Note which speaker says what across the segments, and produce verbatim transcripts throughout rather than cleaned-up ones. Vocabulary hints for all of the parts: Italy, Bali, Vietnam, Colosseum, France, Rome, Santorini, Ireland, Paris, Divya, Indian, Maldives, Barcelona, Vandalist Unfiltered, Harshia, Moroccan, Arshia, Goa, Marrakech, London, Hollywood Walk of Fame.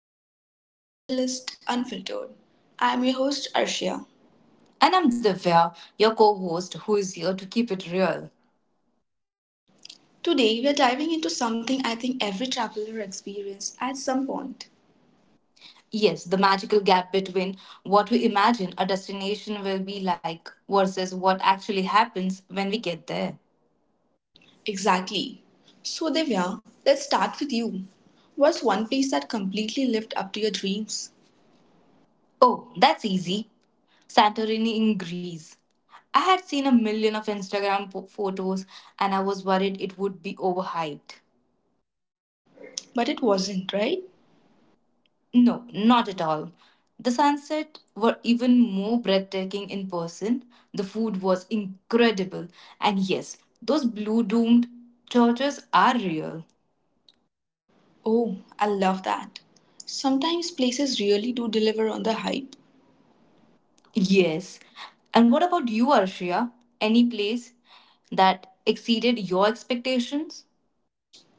Speaker 1: another episode of Vandalist Unfiltered. I am your host Arshia.
Speaker 2: And I'm Divya, your co host, who is here to keep it real.
Speaker 1: Today we are diving into something I think every traveler experiences at some point.
Speaker 2: Yes, the magical gap between what we imagine a destination will be like versus what actually happens when we get there.
Speaker 1: Exactly. So Divya, let's start with you. Was one place that completely lived up to your dreams?
Speaker 2: Oh, that's easy. Santorini in Greece. I had seen a million of Instagram po- photos and I was worried it would be overhyped.
Speaker 1: But it wasn't, right?
Speaker 2: No, not at all. The sunset were even more breathtaking in person. The food was incredible. And yes, those blue domed churches are real.
Speaker 1: Oh, I love that. Sometimes places really do deliver on the hype.
Speaker 2: Yes. And what about you, Arshia? Any place that exceeded your expectations?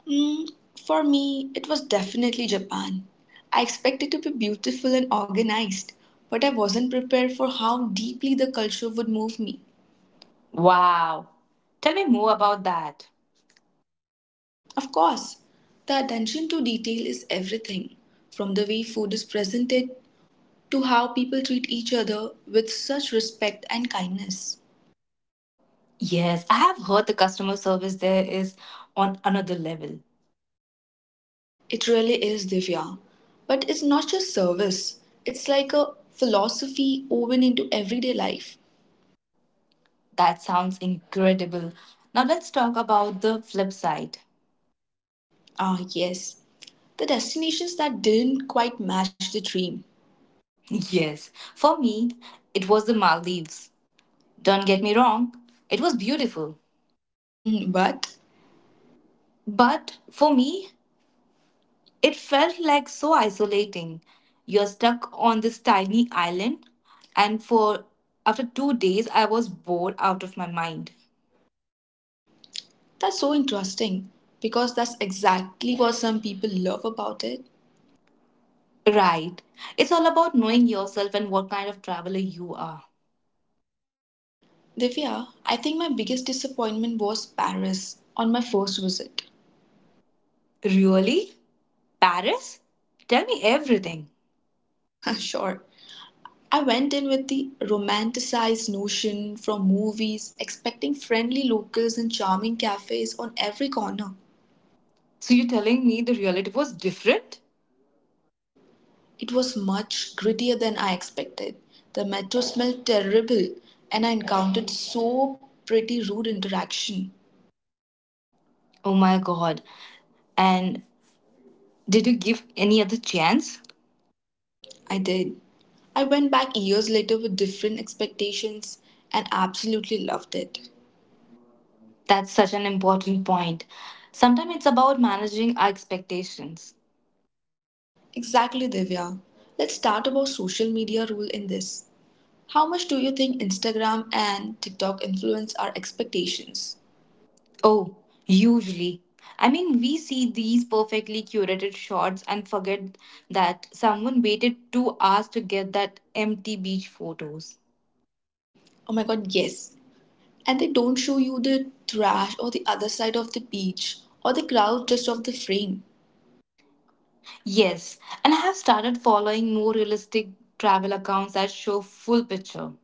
Speaker 1: Mm, for me, it was definitely Japan. I expected to be beautiful and organized, but I wasn't prepared for how deeply the culture would move me.
Speaker 2: Wow. Tell me more about that.
Speaker 1: Of course, the attention to detail is everything, from the way food is presented to how people treat each other with such respect and kindness.
Speaker 2: Yes, I have heard the customer service there is on another level.
Speaker 1: It really is, Divya. But it's not just service, it's like a philosophy woven into everyday life.
Speaker 2: That sounds incredible. Now let's talk about the flip side.
Speaker 1: Ah, yes, the destinations that didn't quite match the dream.
Speaker 2: Yes, for me, it was the Maldives. Don't get me wrong, it was beautiful.
Speaker 1: Mm, but
Speaker 2: But for me, it felt like so isolating. You're stuck on this tiny island, and for after two days, I was bored out of my mind.
Speaker 1: that's so interesting because that's exactly what some people love about it.
Speaker 2: Right, it's all about knowing yourself and what kind of traveler you are.
Speaker 1: Divya, I think my biggest disappointment was Paris on my first visit.
Speaker 2: Really? Paris? Tell me everything.
Speaker 1: Sure. I went in with the romanticized notion from movies, expecting friendly locals and charming cafes on every corner.
Speaker 2: So you're telling me the reality was different?
Speaker 1: It was much grittier than I expected. The metro smelled terrible, and I encountered so pretty rude interaction.
Speaker 2: Oh my god. And did you give any other chance?
Speaker 1: I did. I went back years later with different expectations and absolutely loved it.
Speaker 2: That's such an important point. Sometimes it's about managing our expectations.
Speaker 1: Exactly, Divya. Let's start about social media role in this. How much do you think Instagram and TikTok influence our expectations?
Speaker 2: Oh, usually. I mean, we see these perfectly curated shots and forget that someone waited two hours to get that empty beach photos.
Speaker 1: Oh my god, yes. And they don't show you the trash or the other side of the beach or the crowd just off the frame.
Speaker 2: Yes, and I have started following more realistic travel accounts that show full picture.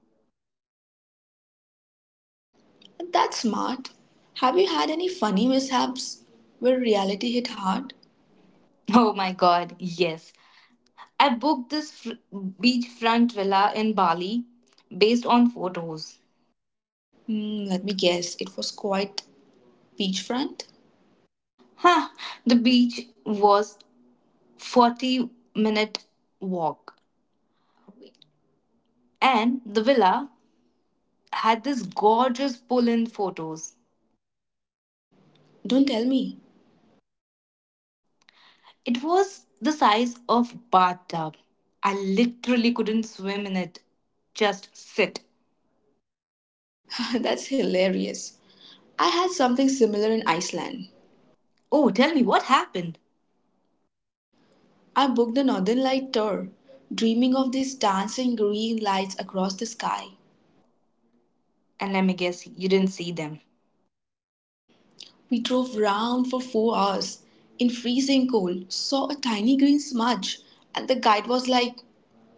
Speaker 1: That's smart. Have you had any funny mishaps where reality hit hard?
Speaker 2: Oh my god, yes. I booked this fr- beachfront villa in Bali based on photos.
Speaker 1: Hmm, let me guess. It was quite beachfront?
Speaker 2: Huh, the beach was forty minute walk and the villa had this gorgeous pool in photos.
Speaker 1: Don't tell me.
Speaker 2: It was the size of bathtub. I literally couldn't swim in it. Just sit.
Speaker 1: That's hilarious. I had something similar in Iceland.
Speaker 2: Oh, tell me what happened?
Speaker 1: I booked the Northern Light tour, dreaming of these dancing green lights across the sky.
Speaker 2: And let me guess, you didn't see them.
Speaker 1: We drove round for four hours in freezing cold, saw a tiny green smudge, and the guide was like,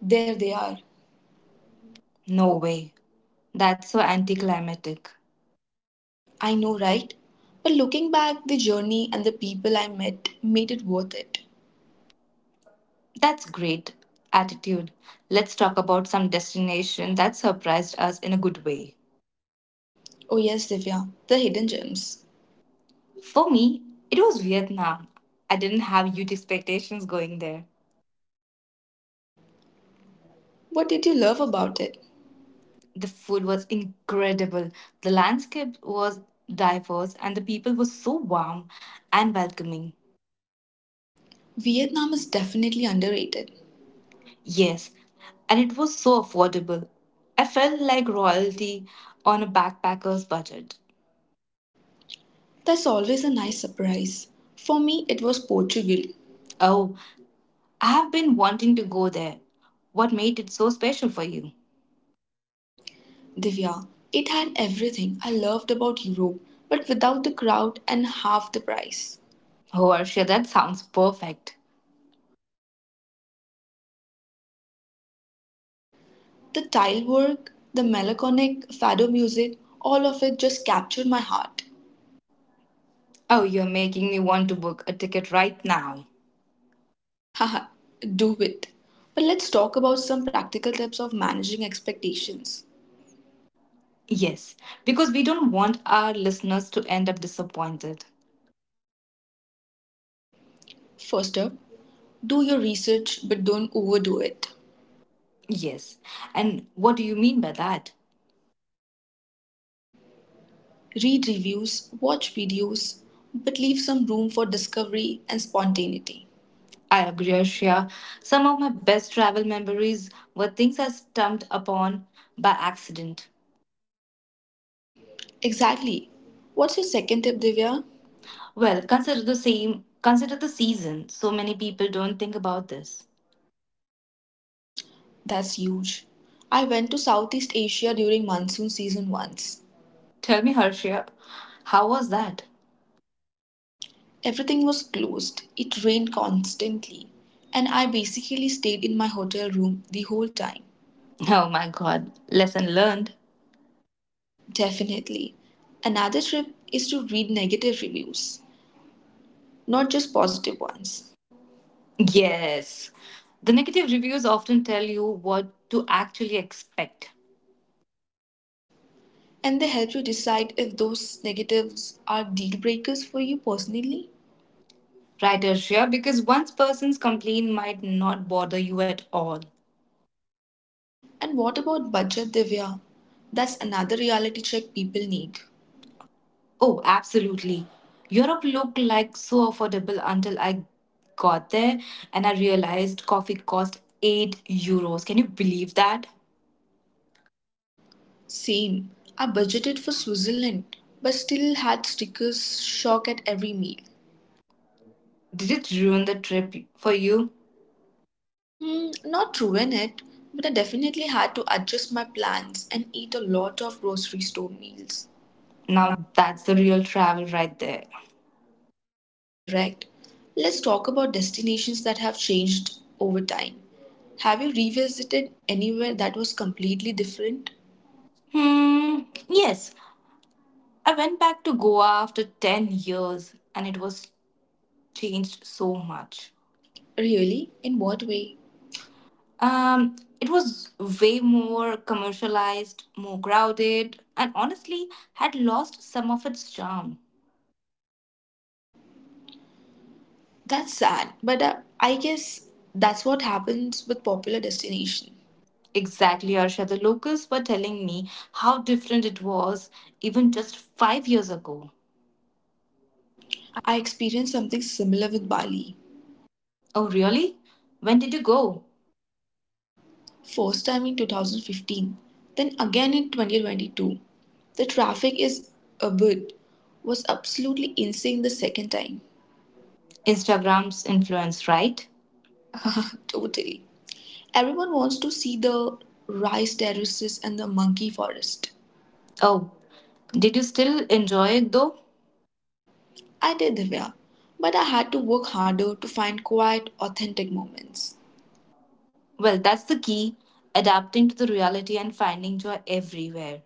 Speaker 1: there they are.
Speaker 2: No way. That's so anticlimactic.
Speaker 1: I know, right? But looking back, the journey and the people I met made it worth it.
Speaker 2: That's great attitude. Let's talk about some destination that surprised us in a good way.
Speaker 1: Oh, yes, Divya, the hidden gems.
Speaker 2: For me, it was Vietnam. I didn't have huge expectations going there.
Speaker 1: What did you love about it?
Speaker 2: The food was incredible, the landscape was diverse, and the people were so warm and welcoming.
Speaker 1: Vietnam is definitely underrated.
Speaker 2: Yes, and it was so affordable. I felt like royalty on a backpacker's budget.
Speaker 1: That's always a nice surprise. For me, it was Portugal.
Speaker 2: Oh, I have been wanting to go there. What made it so special for you?
Speaker 1: Divya, it had everything I loved about Europe, but without the crowd and half the price.
Speaker 2: Oh, Arshia, that sounds perfect.
Speaker 1: The tile work, the melancholic fado music, all of it just captured my heart.
Speaker 2: Oh, you're making me want to book a ticket right now.
Speaker 1: Haha, do it. But let's talk about some practical tips of managing expectations.
Speaker 2: Yes, because we don't want our listeners to end up disappointed.
Speaker 1: First up, do your research but don't overdo it.
Speaker 2: Yes. And what do you mean by that?
Speaker 1: Read reviews, watch videos, but leave some room for discovery and spontaneity.
Speaker 2: I agree, Arshia. Some of my best travel memories were things I stumbled upon by accident.
Speaker 1: Exactly. What's your second tip, Divya?
Speaker 2: Well, consider the same, consider the season. So many people don't think about this.
Speaker 1: That's huge. I went to Southeast Asia during monsoon season once.
Speaker 2: Tell me, Harshia, how was that?
Speaker 1: Everything was closed, it rained constantly, and I basically stayed in my hotel room the whole time.
Speaker 2: Oh my god, lesson learned.
Speaker 1: Definitely. Another tip is to read negative reviews, not just positive ones.
Speaker 2: Yes. The negative reviews often tell you what to actually expect.
Speaker 1: And they help you decide if those negatives are deal breakers for you personally.
Speaker 2: Writers here because one person's complaint might not bother you at all.
Speaker 1: And what about budget, Divya? That's another reality check people need.
Speaker 2: Oh, absolutely. Europe looked like so affordable until I got there and I realized coffee cost eight euros. Can you believe that?
Speaker 1: Same. I budgeted for Switzerland, but still had stickers shock at every meal.
Speaker 2: Did it ruin the trip for you?
Speaker 1: Mm, not ruin it, but I definitely had to adjust my plans and eat a lot of grocery store meals.
Speaker 2: Now that's the real travel right there.
Speaker 1: Correct. Let's talk about destinations that have changed over time. Have you revisited anywhere that was completely different?
Speaker 2: Hmm, yes. I went back to Goa after ten years and it was changed so much.
Speaker 1: Really? In what way?
Speaker 2: Um, it was way more commercialized, more crowded, and honestly had lost some of its charm.
Speaker 1: That's sad, but uh, I guess that's what happens with popular destination.
Speaker 2: Exactly, Arsha. The locals were telling me how different it was even just five years ago.
Speaker 1: I experienced something similar with Bali.
Speaker 2: Oh, really? When did you go?
Speaker 1: First time in two thousand fifteen, then again in twenty twenty-two. The traffic is a bit was absolutely insane the second time.
Speaker 2: Instagram's influence, right?
Speaker 1: Totally. Everyone wants to see the rice terraces and the monkey forest.
Speaker 2: Oh, did you still enjoy it though?
Speaker 1: I did, Divya, but I had to work harder to find quiet, authentic moments.
Speaker 2: Well, that's the key adapting to the reality and finding joy everywhere.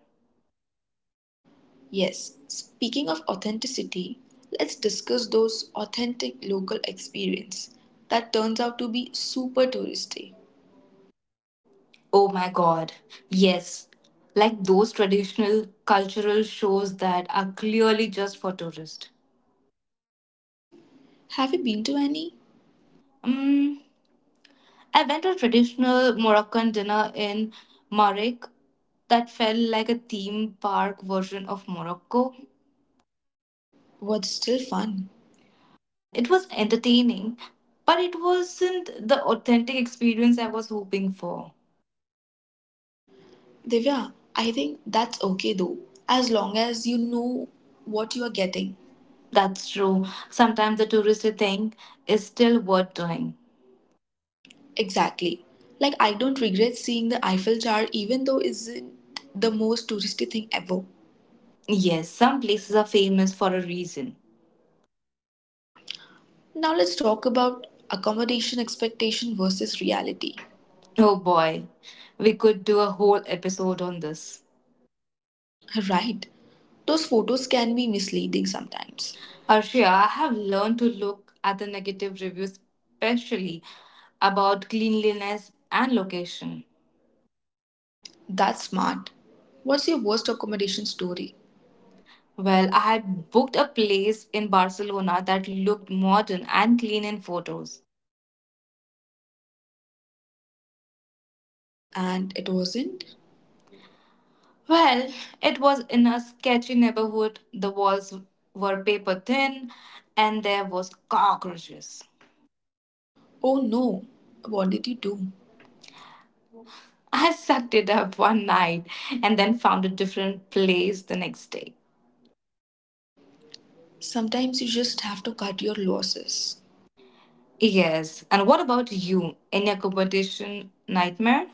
Speaker 1: Yes, speaking of authenticity, let's discuss those authentic local experience that turns out to be super touristy.
Speaker 2: Oh my god, yes. Like those traditional cultural shows that are clearly just for tourists.
Speaker 1: Have you been to any?
Speaker 2: Mm, I went to a traditional Moroccan dinner in Marrakech that felt like a theme park version of Morocco.
Speaker 1: What's still fun?
Speaker 2: Well, it was entertaining, but it wasn't the authentic experience I was hoping for.
Speaker 1: Divya, I think that's okay though, as long as you know what you are getting.
Speaker 2: That's true. Sometimes the touristy thing is still worth doing.
Speaker 1: Exactly. Like, I don't regret seeing the Eiffel Tower, even though isn't the most touristy thing ever.
Speaker 2: Yes, some places are famous for a reason.
Speaker 1: Now let's talk about accommodation expectation versus reality.
Speaker 2: Oh boy, we could do a whole episode on this.
Speaker 1: Right. Those photos can be misleading sometimes.
Speaker 2: Arshia, I have learned to look at the negative reviews, especially about cleanliness and location.
Speaker 1: That's smart. What's your worst accommodation story?
Speaker 2: Well, I had booked a place in Barcelona that looked modern and clean in photos.
Speaker 1: And it wasn't?
Speaker 2: Well, it was in a sketchy neighborhood. The walls were paper thin and there was cockroaches.
Speaker 1: Oh no. What did you do?
Speaker 2: I sucked it up one night and then found a different place the next day.
Speaker 1: Sometimes you just have to cut your losses.
Speaker 2: Yes. And what about you? Any accommodation nightmare?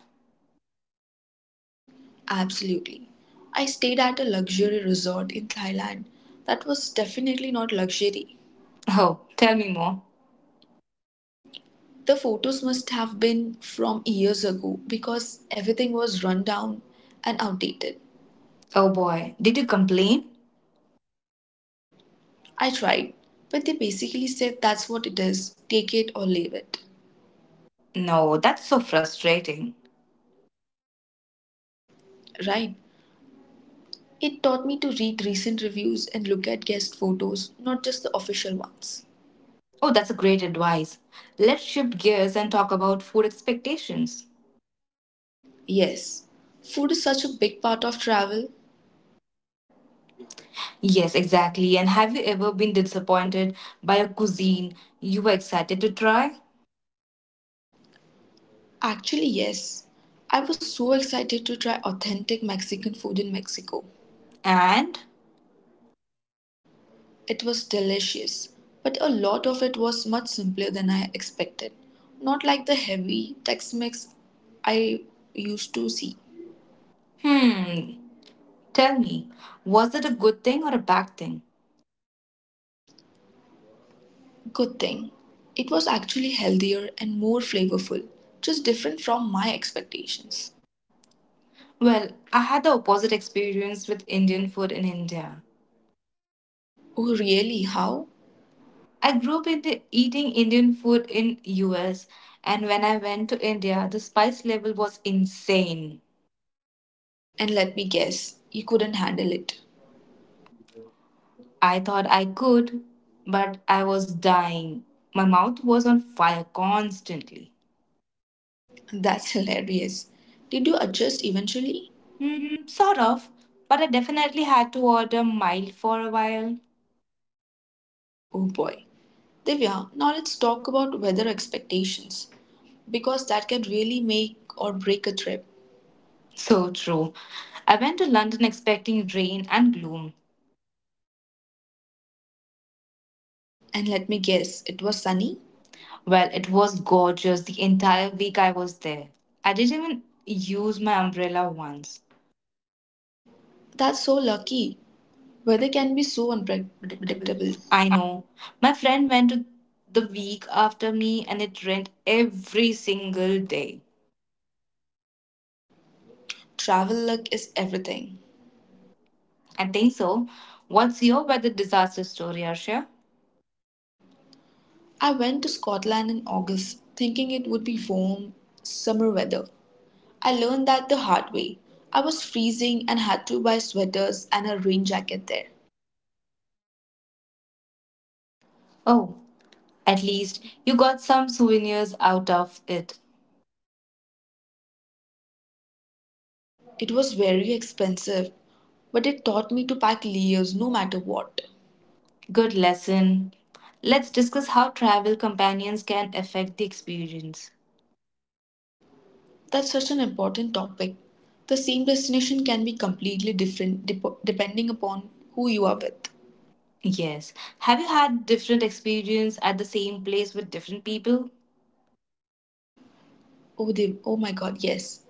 Speaker 1: Absolutely. I stayed at a luxury resort in Thailand that was definitely not luxury.
Speaker 2: Oh, tell me more.
Speaker 1: The photos must have been from years ago because everything was run down and outdated.
Speaker 2: Oh boy, did you complain?
Speaker 1: I tried, but they basically said that's what it is take it or leave it.
Speaker 2: No, that's so frustrating.
Speaker 1: Right? It taught me to read recent reviews and look at guest photos, not just the official ones.
Speaker 2: Oh, that's a great advice. Let's shift gears and talk about food expectations.
Speaker 1: Yes, food is such a big part of travel.
Speaker 2: Yes, exactly. And have you ever been disappointed by a cuisine you were excited to try?
Speaker 1: Actually, yes. I was so excited to try authentic Mexican food in Mexico.
Speaker 2: And,
Speaker 1: It was delicious, but a lot of it was much simpler than I expected. Not like the heavy Tex Mex I used to see.
Speaker 2: hmm, tell me, was it a good thing or a bad thing?
Speaker 1: Good thing. It was actually healthier and more flavorful, just different from my expectations.
Speaker 2: Well, I had the opposite experience with Indian food in India.
Speaker 1: Oh, really? How?
Speaker 2: I grew up in the eating Indian food in U S and when I went to India the spice level was insane.
Speaker 1: And let me guess, you couldn't handle it.
Speaker 2: I thought I could, but I was dying. My mouth was on fire constantly.
Speaker 1: That's hilarious. Did you adjust eventually?
Speaker 2: Hmm, sort of, but I definitely had to order mild for a while.
Speaker 1: Oh boy. Divya, now let's talk about weather expectations because that can really make or break a trip.
Speaker 2: So true. I went to London expecting rain and gloom.
Speaker 1: And let me guess, it was sunny?
Speaker 2: Well, it was gorgeous the entire week I was there. I didn't even use my umbrella once.
Speaker 1: That's so lucky. Weather can be so
Speaker 2: Predictable.
Speaker 1: unpredictable.
Speaker 2: I know. My friend went to the week after me and it rained every single day.
Speaker 1: Travel luck is everything.
Speaker 2: I think so. What's your weather disaster story, Arshia?
Speaker 1: I went to Scotland in August thinking it would be warm, summer weather. I learned that the hard way. I was freezing and had to buy sweaters and a rain jacket there.
Speaker 2: Oh, at least you got some souvenirs out of it.
Speaker 1: It was very expensive, but it taught me to pack layers no matter what.
Speaker 2: Good lesson. Let's discuss how travel companions can affect the experience.
Speaker 1: That's such an important topic. The same destination can be completely different dep- depending upon who you are with.
Speaker 2: Yes. Have you had different experience at the same place with different people?
Speaker 1: Oh, they, oh my god, yes.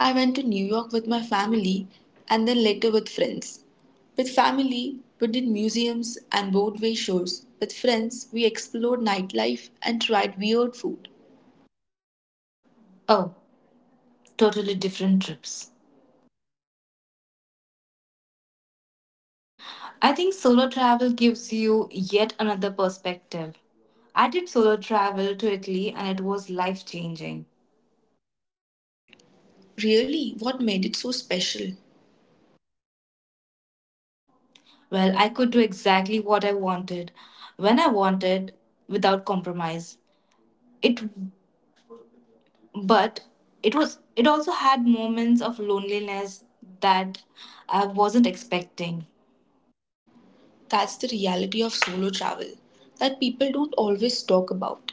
Speaker 1: I went to New York with my family and then later with friends. With family, we did museums and roadway shows. With friends, we explored nightlife and tried weird food.
Speaker 2: Oh, totally different trips. I think solo travel gives you yet another perspective. I did solo travel to Italy and it was life changing.
Speaker 1: Really, what made it so special?
Speaker 2: Well, I could do exactly what I wanted when I wanted without compromise. It but it was it also had moments of loneliness that I wasn't expecting.
Speaker 1: That's the reality of solo travel that people don't always talk about.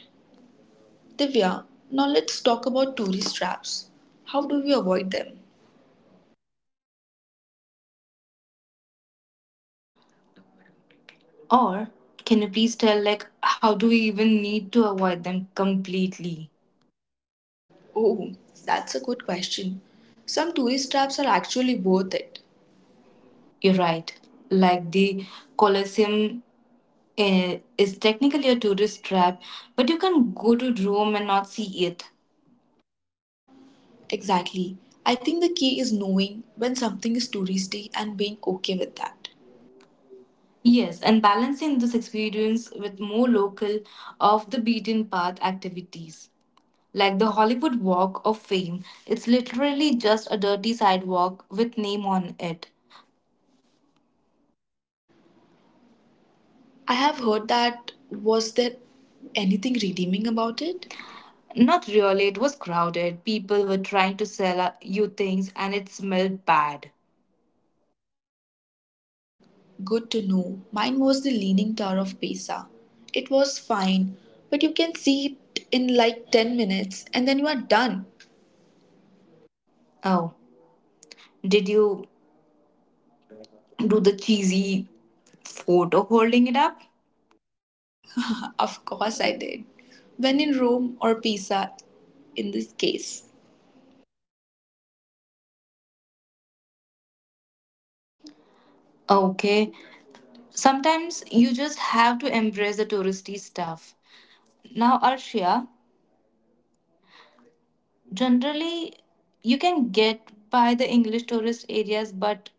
Speaker 1: Divya, now let's talk about tourist traps. How do we avoid them?
Speaker 2: Or can you please tell like how do we even need to avoid them completely?
Speaker 1: Oh, that's a good question. Some tourist traps are actually worth it.
Speaker 2: You're right. Like the Colosseum eh, is technically a tourist trap, but you can go to Rome and not see it.
Speaker 1: Exactly. I think the key is knowing when something is touristy and being okay with that.
Speaker 2: Yes, and balancing this experience with more local, off the beaten path activities. Like the Hollywood Walk of Fame, it's literally just a dirty sidewalk with name on it.
Speaker 1: I have heard that was there anything redeeming about it?
Speaker 2: Not really, it was crowded. People were trying to sell uh, you things and it smelled bad.
Speaker 1: Good to know. Mine was the Leaning Tower of Pisa. It was fine, but you can see it in like ten minutes and then you are done.
Speaker 2: Oh, did you do the cheesy photo holding it up?
Speaker 1: Of course I did. When in Rome or Pisa, in this case.
Speaker 2: Okay, sometimes you just have to embrace the touristy stuff. Now, Arshia, generally you can get by the English tourist areas, but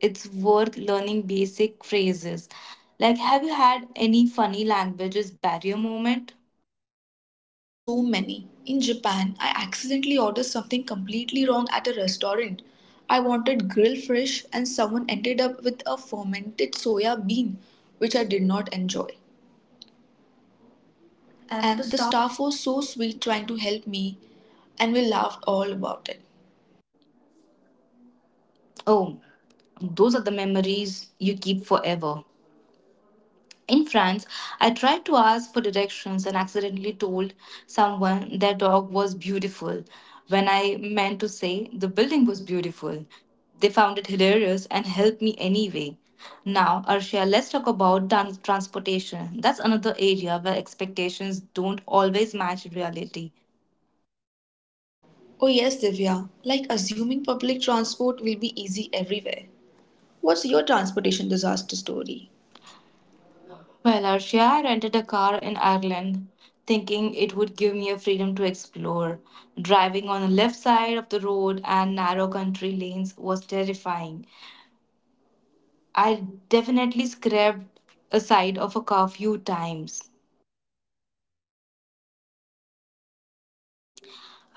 Speaker 2: it's worth learning basic phrases. Like, have you had any funny languages barrier moment?
Speaker 1: So many. In Japan, I accidentally ordered something completely wrong at a restaurant. I wanted grilled fish, and someone ended up with a fermented soya bean, which I did not enjoy.
Speaker 2: At the
Speaker 1: And the
Speaker 2: stop.
Speaker 1: staff was so sweet trying to help me, and we laughed all about it.
Speaker 2: Oh, those are the memories you keep forever. In France, I tried to ask for directions and accidentally told someone their dog was beautiful when I meant to say the building was beautiful. They found it hilarious and helped me anyway. Now, Arshia, let's talk about trans- transportation. That's another area where expectations don't always match reality.
Speaker 1: Oh, yes, Divya, like assuming public transport will be easy everywhere. What's your transportation disaster story?
Speaker 2: Well, Arshia, I rented a car in Ireland, thinking it would give me a freedom to explore. Driving on the left side of the road and narrow country lanes was terrifying. I definitely scraped a side of a car few times.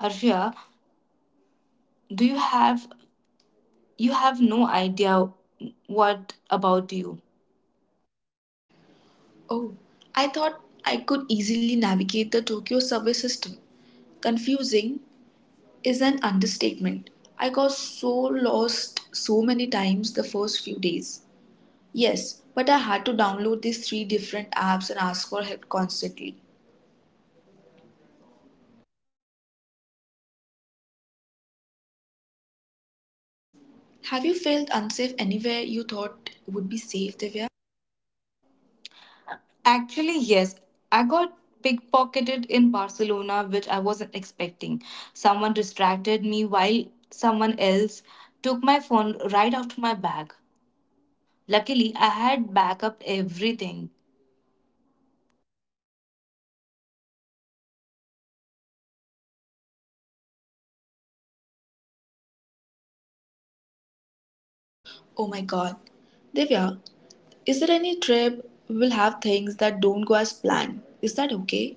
Speaker 2: Arshia, do you have you have no idea what about you?
Speaker 1: Oh, I thought I could easily navigate the Tokyo subway system. Confusing is an understatement. I got so lost so many times the first few days. Yes, but I had to download these three different apps and ask for help constantly. Have you felt unsafe anywhere you thought would be safe, Divya?
Speaker 2: Actually, yes. I got pickpocketed in Barcelona, which I wasn't expecting. Someone distracted me while someone else took my phone right out of my bag. Luckily, I had backup everything.
Speaker 1: Oh my god. Divya, is there any trip we will have things that don't go as planned? Is that okay?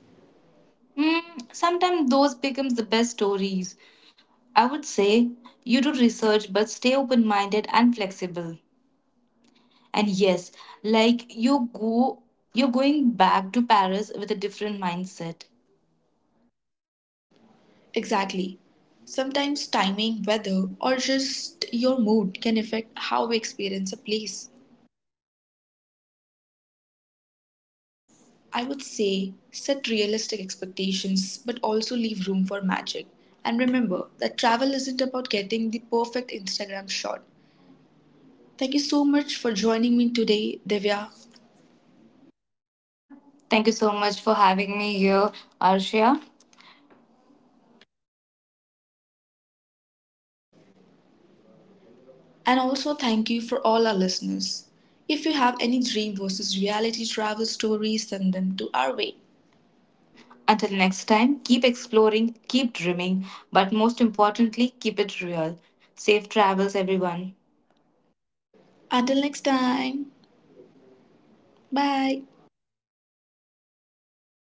Speaker 2: Mm, sometimes those becomes the best stories. I would say you do research, but stay open-minded and flexible. And yes, like you go, you're going back to Paris with a different mindset.
Speaker 1: Exactly. Sometimes timing, weather, or just your mood can affect how we experience a place. I would say set realistic expectations but also leave room for magic. And remember that travel isn't about getting the perfect Instagram shot. Thank you so much for joining me today, Divya.
Speaker 2: Thank you so much for having me here, Arshia.
Speaker 1: And also thank you for all our listeners. If you have any dream versus reality travel stories, send them to our way.
Speaker 2: Until next time, keep exploring, keep dreaming, but most importantly, keep it real. Safe travels, everyone.
Speaker 1: Until next time, bye.